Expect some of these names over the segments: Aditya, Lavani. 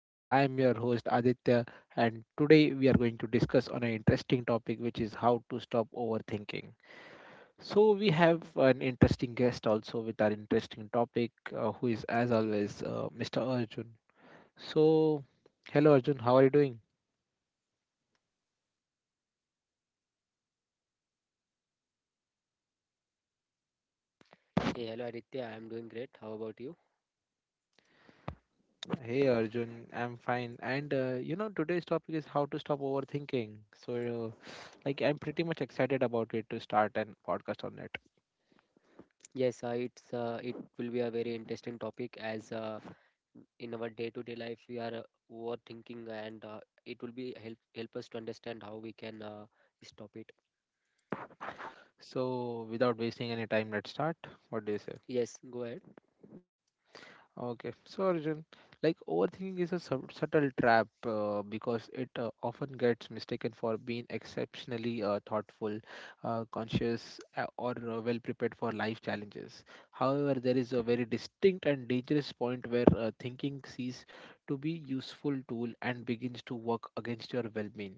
And I am your host Aditya. And today we are going to discuss on an interesting topic, which is how to stop overthinking. So, we have an interesting guest also with our interesting topic, who is as always Mr. Arjun. So, hello Arjun, how are you doing? Hey, hello Aditya, I'm doing great. How about you? Hey Arjun, I'm fine. And today's topic is how to stop overthinking. So, I'm pretty much excited about it to start a podcast on it. Yes, it will be a very interesting topic as in our day-to-day life we are overthinking and it will be help us to understand how we can stop it. So, without wasting any time, let's start. What do you say? Yes, go ahead. Okay. So, Arjun, like overthinking is a subtle trap because it often gets mistaken for being exceptionally thoughtful, conscious, or well prepared for life challenges. However, there is a very distinct and dangerous point where thinking ceases to be useful tool and begins to work against your well-being.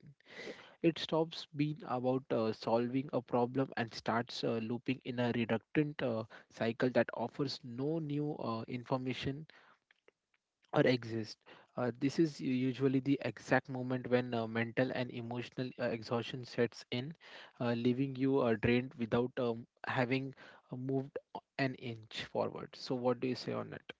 It stops being about solving a problem and starts looping in a reductant cycle that offers no new information or exist. This is usually the exact moment when mental and emotional exhaustion sets in, leaving you drained without having moved an inch forward. So, what do you say on it?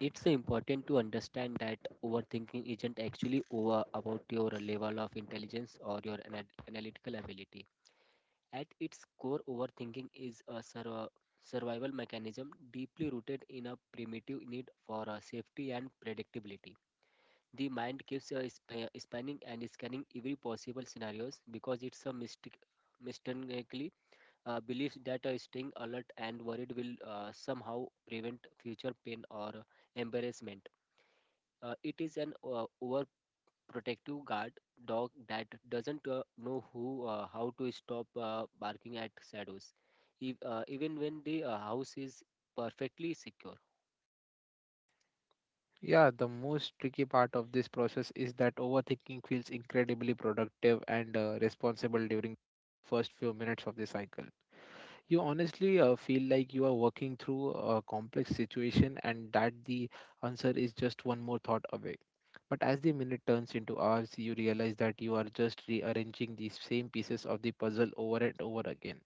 It's important to understand that overthinking isn't actually over about your level of intelligence or your analytical ability. At its core, overthinking is a survival mechanism deeply rooted in a primitive need for safety and predictability. The mind keeps spanning and scanning every possible scenarios because it's a mistakenly believes that staying alert and worried will somehow prevent future pain or embarrassment. It is an over protective guard dog that doesn't know who how to stop barking at shadows if, even when the house is perfectly secure. Yeah, the most tricky part of this process is that overthinking feels incredibly productive and responsible during first few minutes of the cycle. You honestly feel like you are working through a complex situation and that the answer is just one more thought away. But as the minute turns into hours, you realize that you are just rearranging the same pieces of the puzzle over and over again.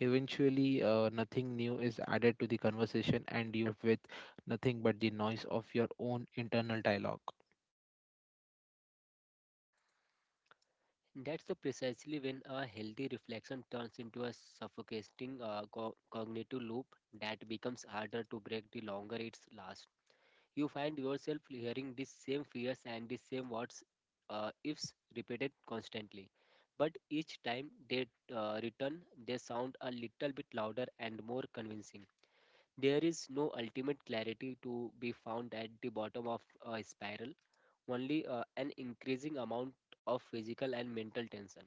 Eventually, nothing new is added to the conversation, and you are left with nothing but the noise of your own internal dialogue. That's the precisely when a healthy reflection turns into a suffocating cognitive loop that becomes harder to break the longer it lasts. You find yourself hearing these same fears and these same words, ifs repeated constantly. But each time they return, they sound a little bit louder and more convincing. There is no ultimate clarity to be found at the bottom of a spiral, only an increasing amount of physical and mental tension.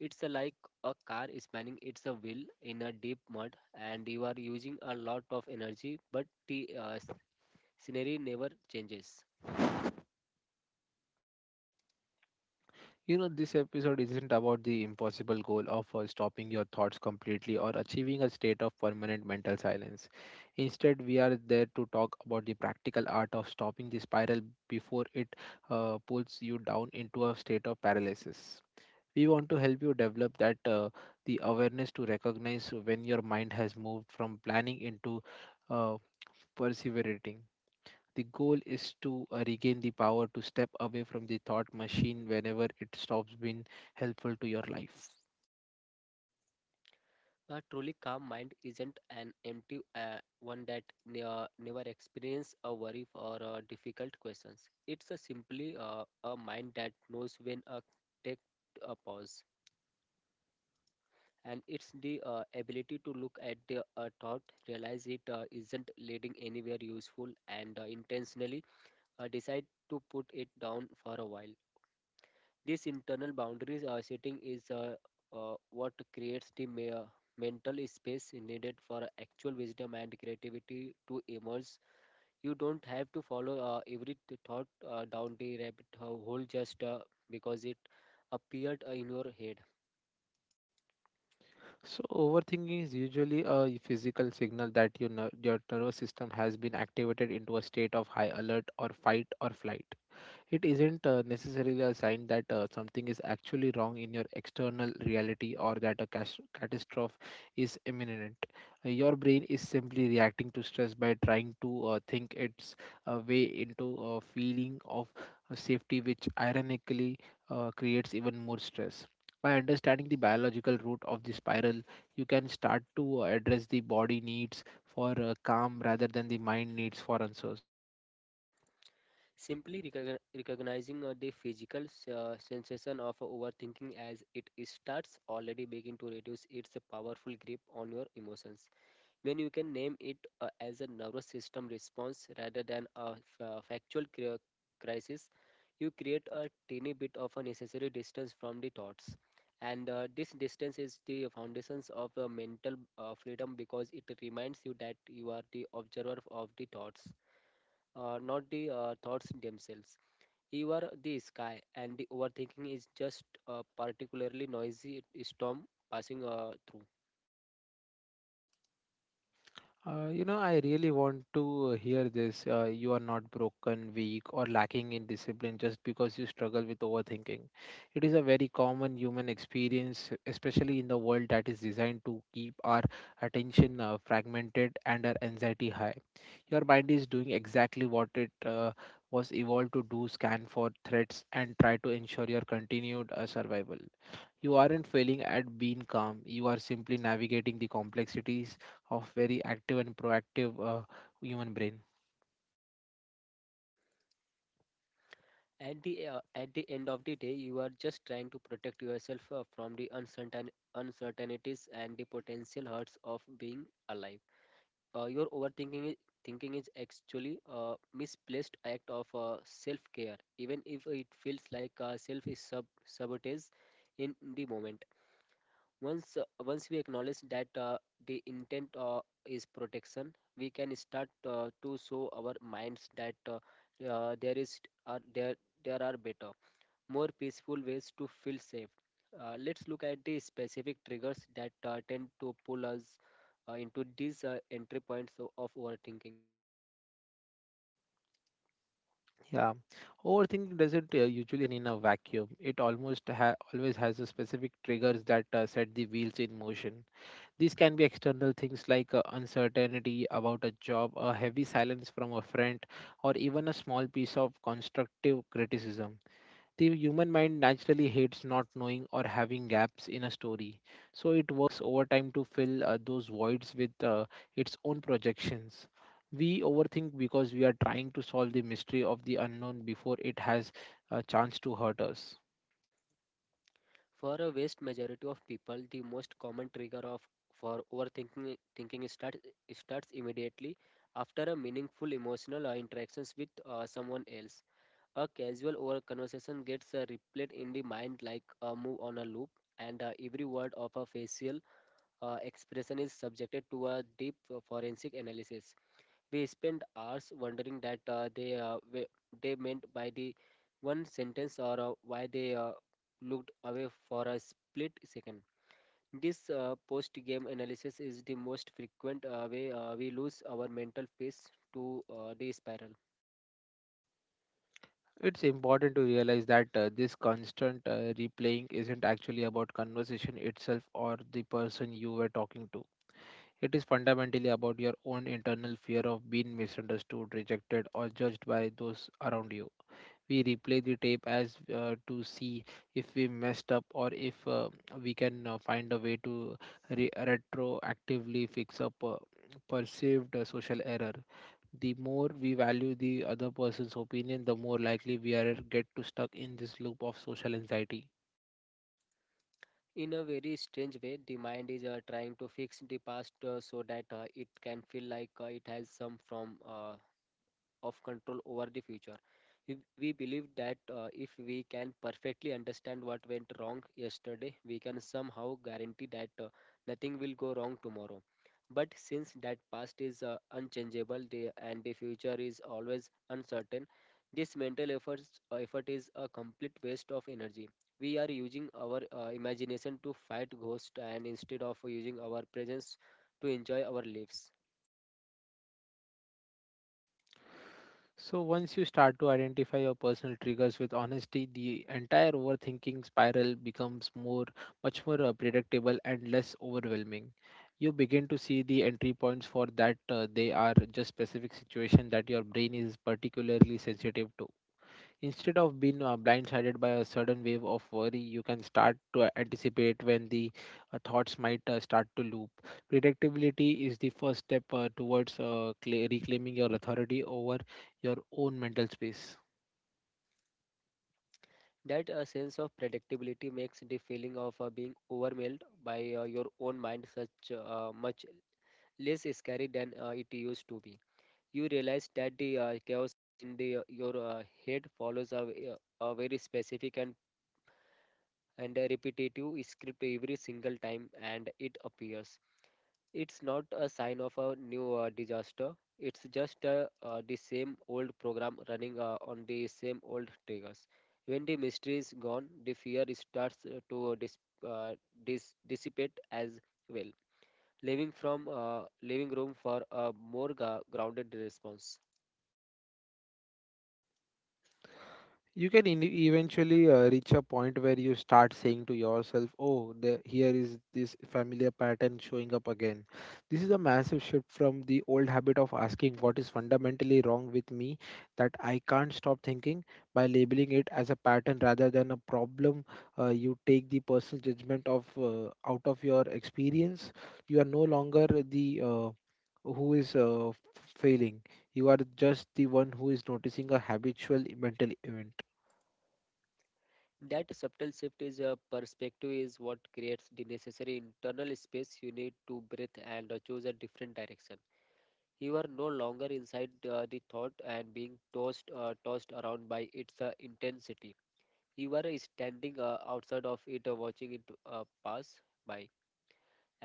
It's like a car spinning its a wheel in a deep mud, and you are using a lot of energy, but the scenery never changes. You know, this episode isn't about the impossible goal of stopping your thoughts completely or achieving a state of permanent mental silence. Instead, we are there to talk about the practical art of stopping the spiral before it pulls you down into a state of paralysis. We want to help you develop that the awareness to recognize when your mind has moved from planning into uh, perseverating. The goal is to regain the power to step away from the thought machine whenever it stops being helpful to your life. A truly calm mind isn't an empty one that never experiences a worry or difficult questions. It's a simply a mind that knows when to take a pause. And it's the ability to look at the thought, realize it isn't leading anywhere useful, and intentionally decide to put it down for a while. These internal boundaries setting is what creates the mental space needed for actual wisdom and creativity to emerge. You don't have to follow every thought down the rabbit hole just because it appeared in your head. So overthinking is usually a physical signal that your nervous system has been activated into a state of high alert or fight or flight. It isn't necessarily a sign that something is actually wrong in your external reality or that a catastrophe is imminent. Your brain is simply reacting to stress by trying to think its way into a feeling of safety, which ironically creates even more stress. By understanding the biological root of the spiral, you can start to address the body needs for calm rather than the mind needs for answers. Simply recognizing the physical sensation of overthinking as it starts already begin to reduce its powerful grip on your emotions. When you can name it as a nervous system response rather than a factual crisis, you create a teeny bit of a necessary distance from the thoughts. And this distance is the foundations of mental freedom because it reminds you that you are the observer of the thoughts, not the thoughts themselves. You are the sky, and the overthinking is just a particularly noisy storm passing through. I really want to hear this. You are not broken, weak, or lacking in discipline just because you struggle with overthinking. It is a very common human experience, especially in the world that is designed to keep our attention fragmented and our anxiety high. Your mind is doing exactly what it was evolved to do: scan for threats and try to ensure your continued survival. You aren't failing at being calm, you are simply navigating the complexities of very active and proactive human brain. At the end of the day you are just trying to protect yourself from the uncertainties and the potential hurts of being alive. Your thinking is actually a misplaced act of self care, even if it feels like self is sabotage in the moment. Once we acknowledge that the intent is protection, we can start to show our minds that uh, there is are there there are better, more peaceful ways to feel safe. Let's look at the specific triggers that tend to pull us into these entry points of overthinking. Yeah, overthinking doesn't usually in a vacuum, it almost always has a specific triggers that set the wheels in motion. These can be external things like uncertainty about a job, a heavy silence from a friend, or even a small piece of constructive criticism. The human mind naturally hates not knowing or having gaps in a story, so it works overtime to fill those voids with its own projections. We overthink because we are trying to solve the mystery of the unknown before it has a chance to hurt us. For a vast majority of people, the most common trigger of for overthinking thinking starts starts immediately after a meaningful emotional interactions with someone else. A casual over conversation gets replayed in the mind like a move on a loop, and every word of a facial expression is subjected to a deep forensic analysis. We spend hours wondering that they meant by the one sentence or why they looked away for a split second. This post-game analysis is the most frequent way we lose our mental peace to the spiral. It's important to realize that this constant replaying isn't actually about conversation itself or the person you were talking to. It is fundamentally about your own internal fear of being misunderstood, rejected, or judged by those around you. We replay the tape as to see if we messed up or if we can find a way to retroactively fix up perceived social error. The more we value the other person's opinion, the more likely we are get to stuck in this loop of social anxiety. In a very strange way, the mind is trying to fix the past so that it can feel like it has some from of control over the future. If we believe that if we can perfectly understand what went wrong yesterday, we can somehow guarantee that nothing will go wrong tomorrow. But since that past is unchangeable and the future is always uncertain, this mental effort is a complete waste of energy. We are using our imagination to fight ghosts and instead of using our presence to enjoy our lives. So once you start to identify your personal triggers with honesty, the entire overthinking spiral becomes more much more predictable and less overwhelming. You begin to see the entry points for that they are just specific situation that your brain is particularly sensitive to. Instead of being blindsided by a sudden wave of worry, you can start to anticipate when the thoughts might start to loop. Predictability is the first step towards cla reclaiming your authority over your own mental space. That a sense of predictability makes the feeling of being overwhelmed by your own mind such much less scary than it used to be. You realize that the chaos in your head follows a very specific and a repetitive script every single time, and it appears it's not a sign of a new disaster. It's just the same old program running on the same old triggers. When the mystery is gone, the fear starts to uh, dissipate as well, leaving from leaving room for a more grounded response. You can eventually reach a point where you start saying to yourself, "Oh, here is this familiar pattern showing up again." This is a massive shift from the old habit of asking what is fundamentally wrong with me that I can't stop thinking, by labeling it as a pattern rather than a problem. You take the personal judgment of out of your experience. You are no longer the who is failing. You are just the one who is noticing a habitual mental event. That subtle shift is a perspective is what creates the necessary internal space you need to breathe and choose a different direction. You are no longer inside the thought and being tossed around by its intensity. You are standing outside of it, watching it pass by,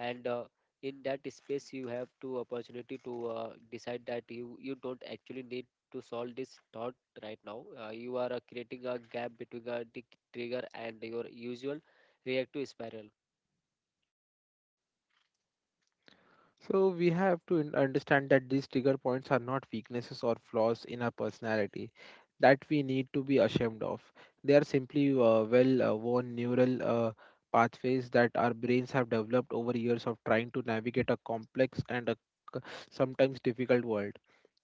and in that space you have to opportunity to decide that you don't actually need to solve this thought right now. You are creating a gap between the trigger and your usual reactive spiral. So we have to understand that these trigger points are not weaknesses or flaws in our personality that we need to be ashamed of. They are simply well-worn neural pathways that our brains have developed over years of trying to navigate a complex and a c- sometimes difficult world.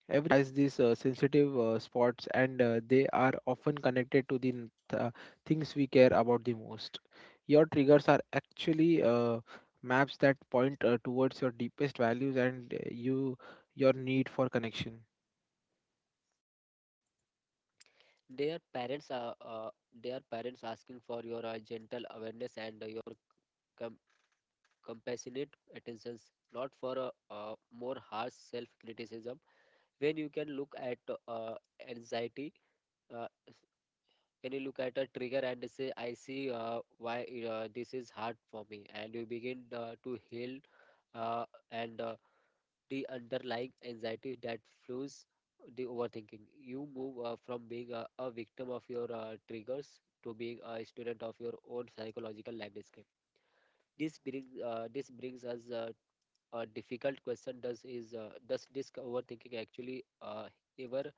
Every has these sensitive spots, and they are often connected to the things we care about the most. Your triggers are actually maps that point towards your deepest values and your need for connection. their parents are uh, their parents asking for your gentle awareness and your com- compassionate attentions, not for more harsh self criticism. When you can look at uh, anxiety, uh, when you look at a trigger and say, "I see why this is hard for me," and you begin to heal uh, and the underlying anxiety that fuels the overthinking. You move from being a victim of your triggers to being a student of your own psychological landscape. This brings us a difficult question: does this overthinking actually ever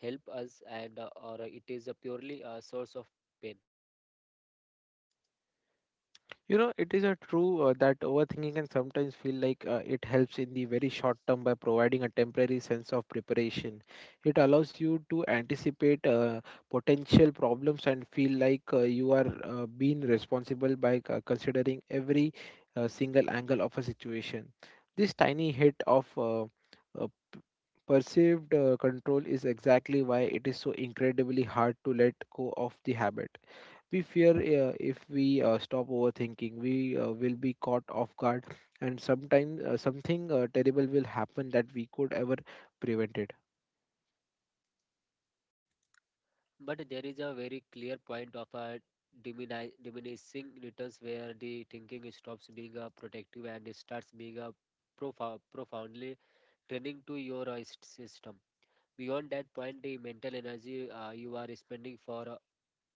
help us, and or it is a purely a source of pain? You know, it is a true that overthinking can sometimes feel like it helps in the very short term by providing a temporary sense of preparation. It allows you to anticipate potential problems and feel like you are being responsible by considering every single angle of a situation. This tiny hit of uh, perceived control is exactly why it is so incredibly hard to let go of the habit. We fear if we stop overthinking, we will be caught off guard, and sometime something terrible will happen that we could ever prevent it. But there is a very clear point of a diminishing returns where the thinking stops being a protective and it starts being a profoundly draining to your system. Beyond that point, the mental energy you are spending for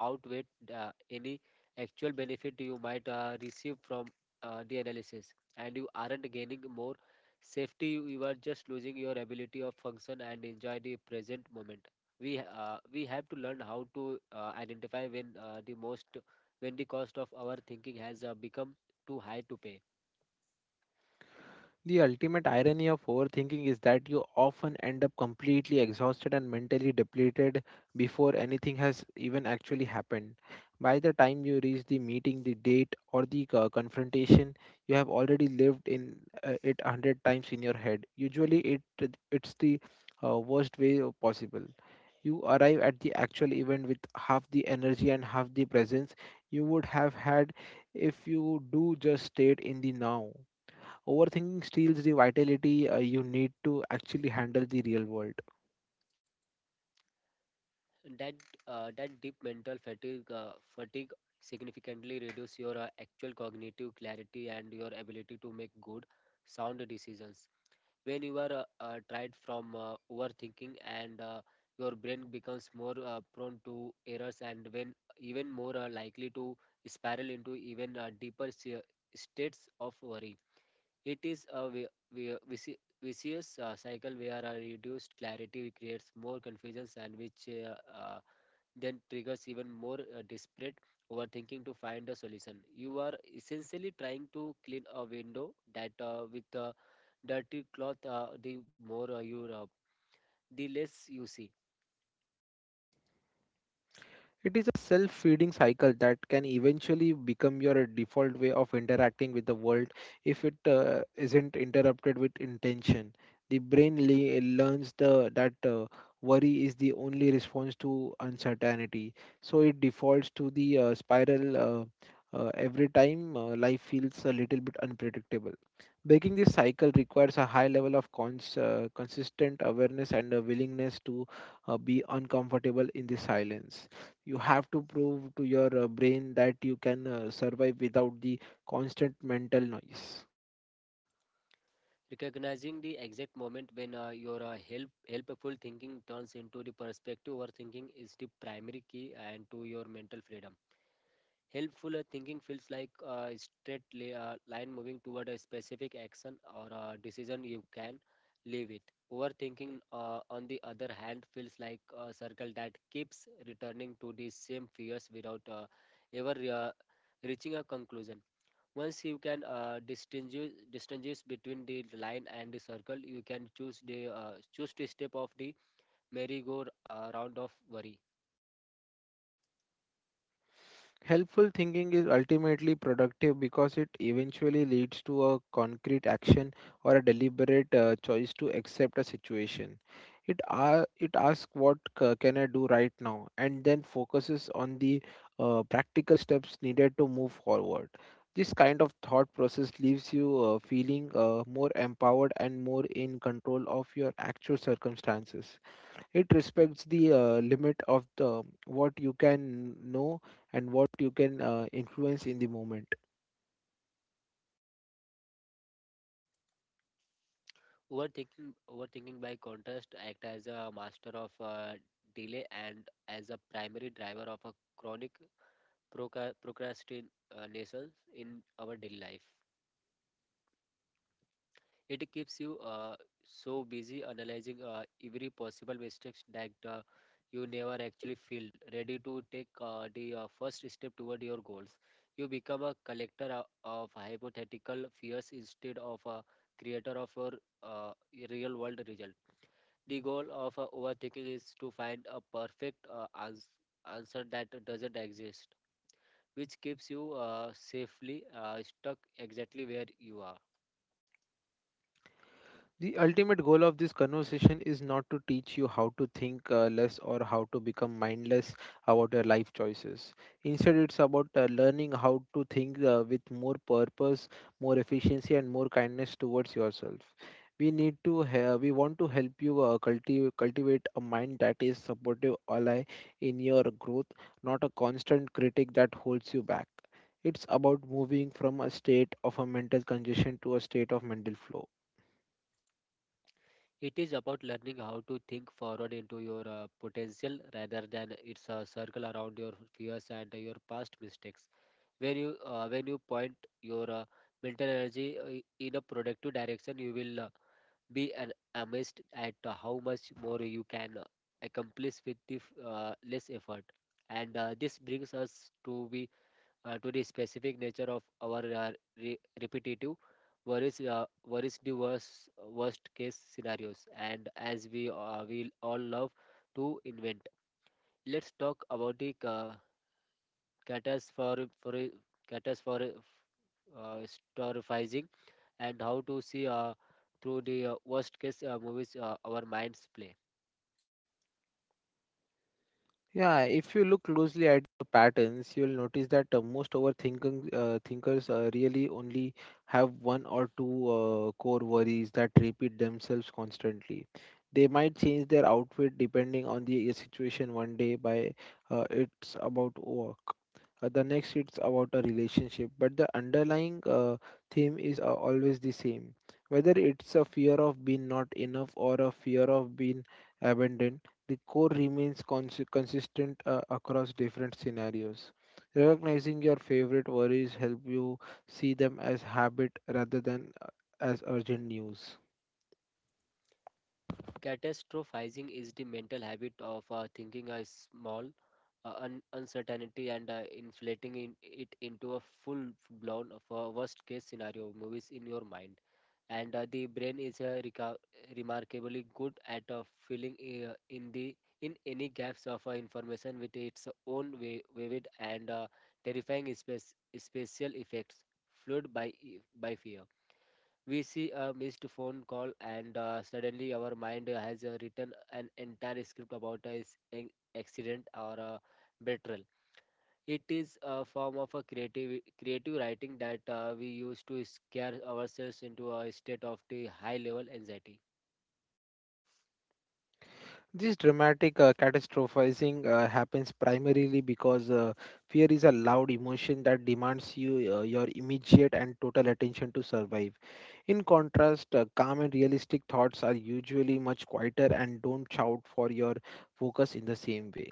outweigh any actual benefit you might receive from the analysis, and you aren't gaining more safety, you are just losing your ability of function and enjoy the present moment. We have to learn how to identify when the most when the cost of our thinking has become too high to pay. The ultimate irony of overthinking is that you often end up completely exhausted and mentally depleted before anything has even actually happened. By the time you reach the meeting, the date, or the confrontation, you have already lived in it a hundred times in your head. Usually, it's the worst way possible. You arrive at the actual event with half the energy and half the presence you would have had if you do just stayed in the now. Overthinking steals the vitality you need to actually handle the real world. That uh, that deep mental fatigue significantly reduce your actual cognitive clarity and your ability to make good sound decisions. When you are tired from overthinking, and your brain becomes more prone to errors, and when even more likely to spiral into even deeper states of worry. It is a vicious cycle where a reduced clarity creates more confusions, and which uh, then triggers even more disparate overthinking to find a solution. You are essentially trying to clean a window that with a dirty cloth. The more you rub, the less you see. It is a self feeding cycle that can eventually become your default way of interacting with the world if it isn't interrupted with intention. The brain learns that worry is the only response to uncertainty, so it defaults to the spiral every time life feels a little bit unpredictable. Breaking this cycle requires a high level of consistent awareness and a willingness to be uncomfortable in the silence. You have to prove to your brain that you can survive without the constant mental noise. Recognizing the exact moment when your helpful thinking turns into the perspective overthinking is the primary key and to your mental freedom. Helpful thinking feels like a straight line moving toward a specific action or a decision you can live with. Overthinking, on the other hand, feels like a circle that keeps returning to the same fears without ever reaching a conclusion. Once you can distinguish between the line and the circle, you can choose to step off the merry-go-round of worry. Helpful thinking is ultimately productive because it eventually leads to a concrete action or a deliberate choice to accept a situation. It asks what can I do right now and then focuses on the practical steps needed to move forward. This kind of thought process leaves you feeling more empowered and more in control of your actual circumstances. It respects the limit of the what you can know and what you can influence in the moment. Overthinking by contrast act as a master of delay and as a primary driver of a chronic procrastination in our daily life. It keeps you so busy analyzing every possible mistakes that you never actually feel ready to take the first step toward your goals. You become a collector of hypothetical fears instead of a creator of your uh, real world result. The goal of overthinking is to find a perfect answer that doesn't exist, which keeps you safely stuck exactly where you are. The ultimate goal of this conversation is not to teach you how to think less or how to become mindless about your life choices. Instead, it's about learning how to think with more purpose, more efficiency, and more kindness towards yourself. We want to help you cultivate a mind that is supportive ally in your growth, not a constant critic that holds you back. It's about moving from a state of a mental congestion to a state of mental flow. It is about learning how to think forward into your potential rather than it's a circle around your fears and your past mistakes. When you point your mental energy in a productive direction, you will amazed at how much more you can accomplish with less effort. And this brings us to the specific nature of our repetitive worries the worst case scenarios. And as we all love to invent, let's talk about the catas for catas for storifying and how to see through the worst case movies our minds play. Yeah, if you look closely at the patterns, you'll notice that most overthinking thinkers really only have one or two core worries that repeat themselves constantly. They might change their outfit depending on the situation one day by it's about work. The next it's about a relationship, but the underlying theme is always the same. Whether it's a fear of being not enough or a fear of being abandoned, the core remains consistent across different scenarios. Recognizing your favorite worries help you see them as habit rather than as urgent news. Catastrophizing is the mental habit of thinking a small uncertainty and inflating it into a full-blown of a worst-case scenario movies in your mind. And the brain is remarkably good at filling in the in any gaps of information with its own vivid and terrifying special effects, fueled by by fear. We see a missed phone call and suddenly our mind has written an entire script about an accident or a betrayal. It is a form of a creative writing that we use to scare ourselves into a state of the high level anxiety. This dramatic catastrophizing happens primarily because fear is a loud emotion that demands you your immediate and total attention to survive. In contrast, calm and realistic thoughts are usually much quieter and don't shout for your focus in the same way.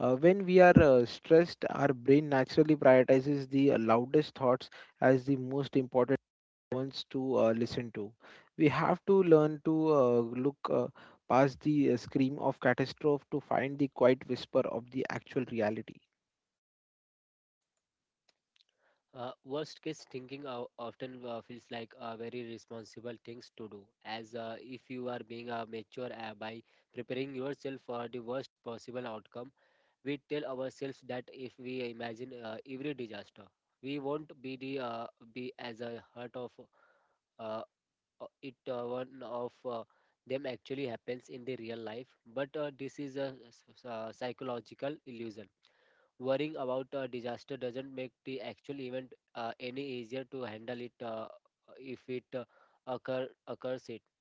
When we are stressed, our brain naturally prioritizes the loudest thoughts as the most important ones to listen to. We have to learn to look past the scream of catastrophe to find the quiet whisper of the actual reality. Worst case thinking often feels like a very responsible things to do as if you are being mature by preparing yourself for the worst possible outcome. We tell ourselves that if we imagine every disaster we won't be the be as a heart of uh, it one of them actually happens in the real life. But this is a psychological illusion. Worrying about a disaster doesn't make the actual event any easier to handle it. If it occurs it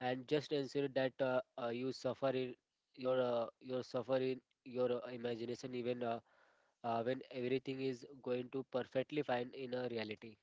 and just ensure that you suffer in your suffer in your imagination even when everything is going to perfectly fine in a reality.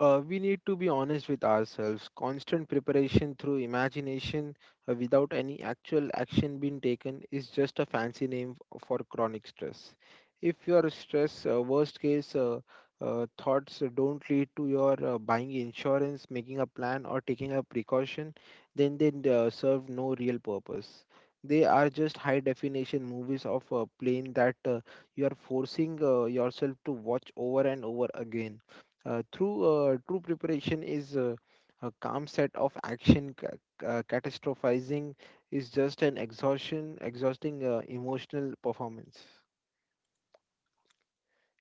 We need to be honest with ourselves. Constant preparation through imagination without any actual action being taken is just a fancy name for chronic stress. If your stress, worst case thoughts don't lead to your buying insurance, making a plan, or taking a precaution, then they serve no real purpose. They are just high definition movies of a plane that you are forcing yourself to watch over and over again through true preparation is a calm set of action. Catastrophizing is just an exhausting emotional performance.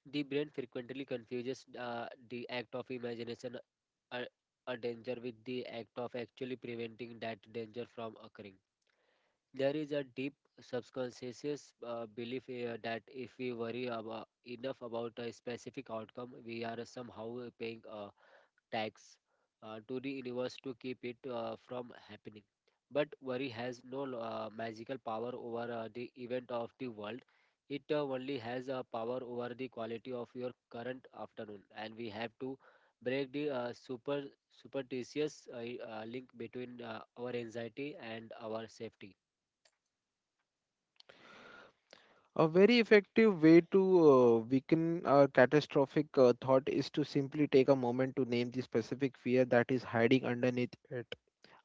The brain frequently confuses the act of imagination a, a danger with the act of actually preventing that danger from occurring. There is a deep subconscious belief that if we worry enough about a specific outcome, we are somehow paying a tax to the universe to keep it from happening. But worry has no magical power over the event of the world. It only has a power over the quality of your current afternoon, and we have to break the superstitious link between our anxiety and our safety. A very effective way to weaken our catastrophic thought is to simply take a moment to name the specific fear that is hiding underneath it.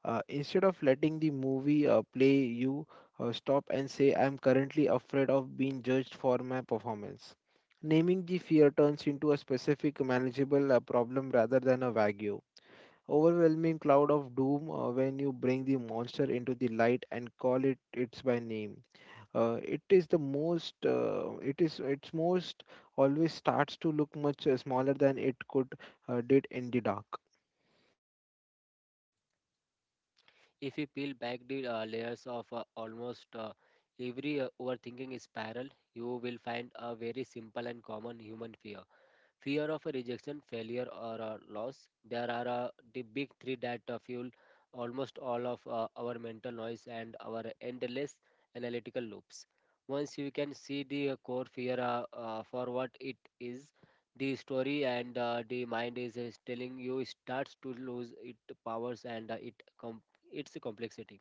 Instead of letting the movie play, you stop and say, I'm currently afraid of being judged for my performance. Naming the fear turns into a specific manageable problem rather than a vague, overwhelming cloud of doom when you bring the monster into the light and call it its by name. It is its most always starts to look much smaller than it could did in the dark. If you peel back the layers of almost every overthinking spiral, you will find a very simple and common human fear of a rejection, failure, or a loss. There are the big three that fuel almost all of our mental noise and our endless analytical loops. Once you can see the core fear for what it is, the story and the mind is telling you starts to lose its powers and com- its complexity.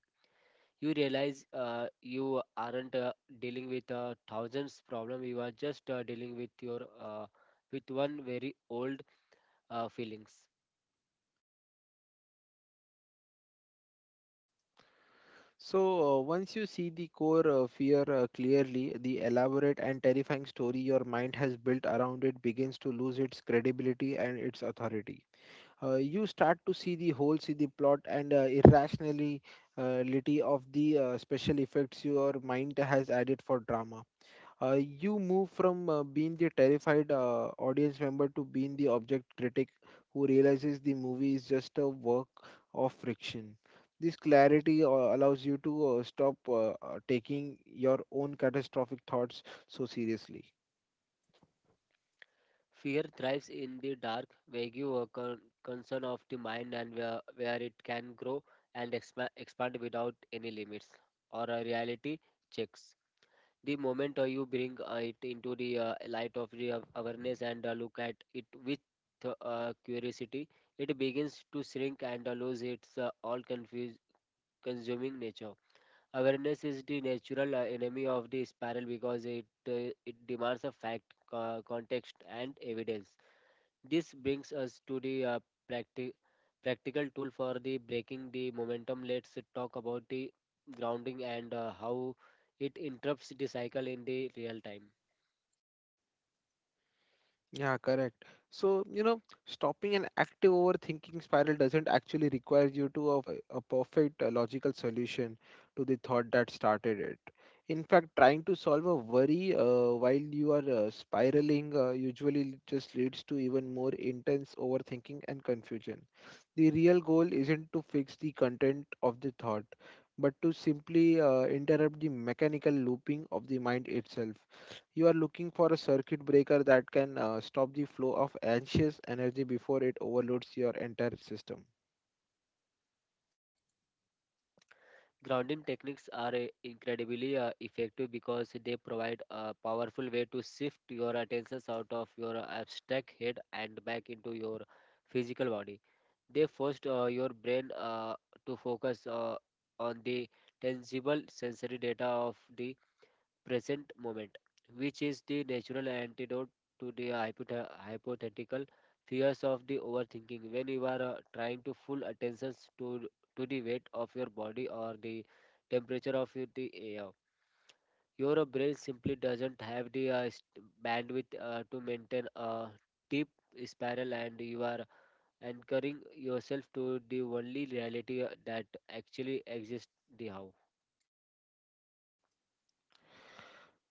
You realize you aren't dealing with thousands problem. You are just dealing with your uh, with one very old feelings. So, once you see the core fear clearly, the elaborate and terrifying story your mind has built around it begins to lose its credibility and its authority. You start to see the holes in the plot and irrationality of the special effects your mind has added for drama. Uh, you move from being the terrified audience member to being the object critic who realizes the movie is just a work of friction. This clarity allows you to stop taking your own catastrophic thoughts so seriously. Fear thrives in the dark vague concern of the mind and where it can grow and expand without any limits or a reality checks. The moment you bring it into the light of the awareness and look at it with curiosity, it begins to shrink and lose its consuming nature. Awareness is the natural enemy of the spiral because it demands a fact, context, and evidence. This brings us to the practi- practical tool for the breaking the momentum. Let's talk about the grounding and how it interrupts the cycle in the real time. Yeah, correct. So, you know, stopping an active overthinking spiral doesn't actually require you to of a perfect logical solution to the thought that started it. In fact, trying to solve a worry while you are spiraling usually just leads to even more intense overthinking and confusion. The real goal isn't to fix the content of the thought, but to simply interrupt the mechanical looping of the mind itself. You are looking for a circuit breaker that can stop the flow of anxious energy before it overloads your entire system. Grounding techniques are incredibly effective because they provide a powerful way to shift your attention out of your abstract head and back into your physical body. They force your brain to focus on the tangible sensory data of the present moment, which is the natural antidote to the hypothetical fears of the overthinking. When you are trying to full attention to to the weight of your body or the temperature of the air, your brain simply doesn't have the bandwidth to maintain a deep spiral, and you are anchoring yourself to the only reality that actually exists. The how.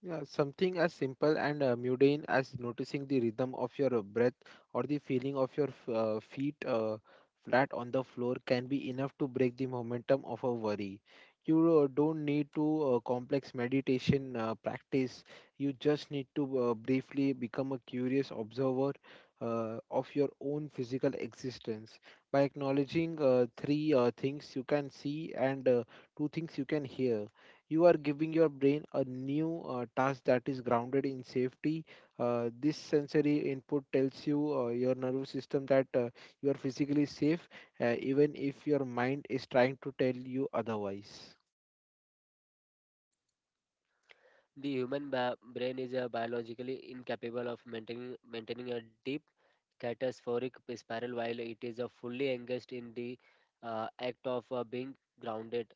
Yeah, something as simple and mundane as noticing the rhythm of your breath or the feeling of your feet flat on the floor can be enough to break the momentum of a worry. You don't need to complex meditation practice. You just need to briefly become a curious observer of your own physical existence. By acknowledging three things you can see and two things you can hear, you are giving your brain a new task that is grounded in safety. Uh, this sensory input tells you your nervous system that you are physically safe even if your mind is trying to tell you otherwise. The human brain is biologically incapable of maintaining a deep catastrophic spiral while it is fully engaged in the act of being grounded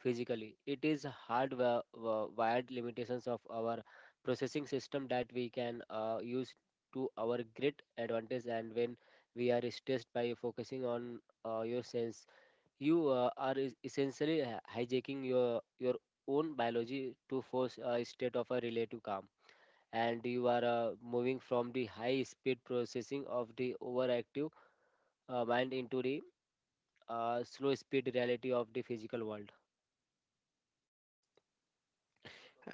physically. It is hard wired limitations of our processing system that we can use to our great advantage and when we are stressed by focusing on your senses you are essentially hijacking your own biology to force a state of a relative calm. And you are moving from the high speed processing of the overactive mind into the slow speed reality of the physical world.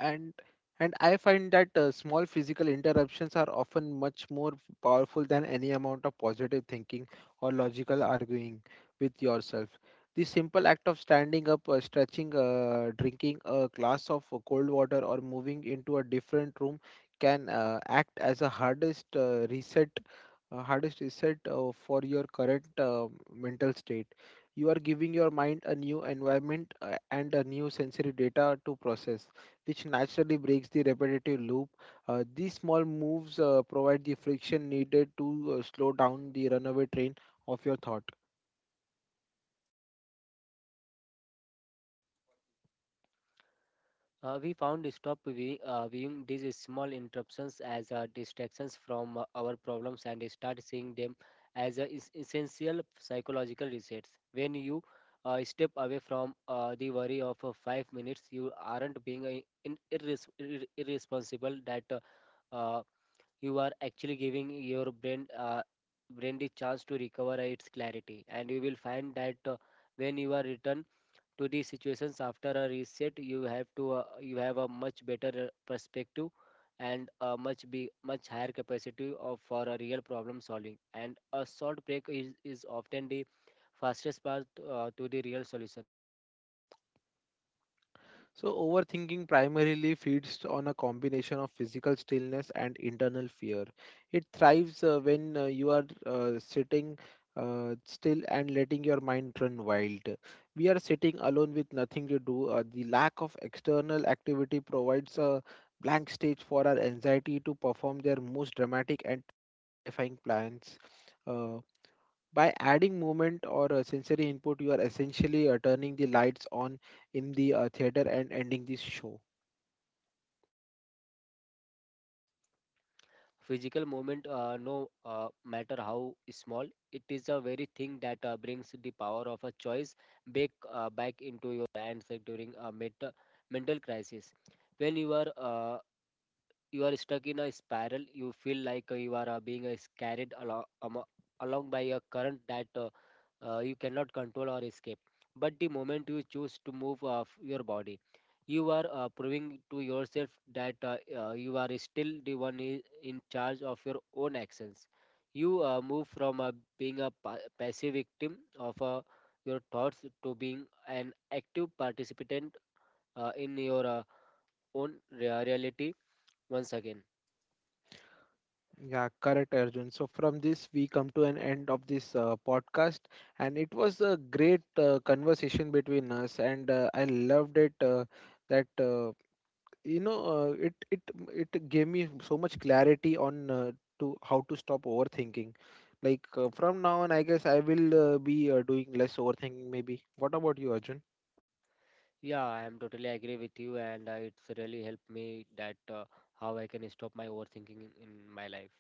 And and I find that small physical interruptions are often much more powerful than any amount of positive thinking or logical arguing with yourself. The simple act of standing up, stretching, drinking a glass of cold water or moving into a different room can act as a hardest reset for your current mental state. You are giving your mind a new environment and a new sensory data to process, which naturally breaks the repetitive loop. These small moves provide the friction needed to slow down the runaway train of your thought. We found stop viewing these small interruptions as distractions from our problems and start seeing them as essential psychological resets. When you step away from the worry of 5 minutes, you aren't being irresponsible that uh, you are actually giving your brain the chance to recover its clarity, and you will find that when you are return to these situations after a reset you have a much better perspective and a much be much higher capacity of for a real problem solving. And a short break is often the fastest path to the real solution. So, overthinking primarily feeds on a combination of physical stillness and internal fear. It thrives when you are sitting still and letting your mind run wild. We are sitting alone with nothing to do. The lack of external activity provides a blank stage for our anxiety to perform their most dramatic and terrifying plans. Uh, by adding movement or sensory input, you are essentially turning the lights on in the theater and ending this show. Physical movement no matter how small it is a very thing that brings the power of a choice back into your hands during a mental crisis. When you are stuck in a spiral you feel like you are being carried along along by a current that you cannot control or escape. But the moment you choose to move off your body you are proving to yourself that you are still the one in charge of your own actions. You move from being a passive victim of your thoughts to being an active participant in your own reality once again. Yeah, correct, Arjun. So from this, we come to an end of this podcast, and it was a great conversation between us, and I loved it. That you know, it it It gave me so much clarity on to how to stop overthinking. Like, from now on, I guess I will be doing less overthinking. Maybe. What about you, Arjun? Yeah, I am totally agree with you, and it's really helped me that how I can stop my overthinking in my life.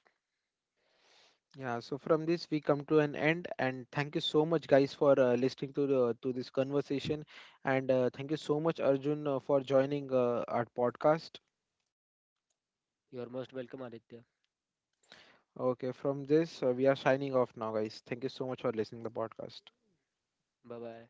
Yeah, so from this we come to an end, and thank you so much, guys, for listening to to this conversation, and thank you so much, Arjun, for joining our podcast. You're most welcome, Aditya. Okay, from this we are signing off now, guys. Thank you so much for listening to the podcast. Bye bye.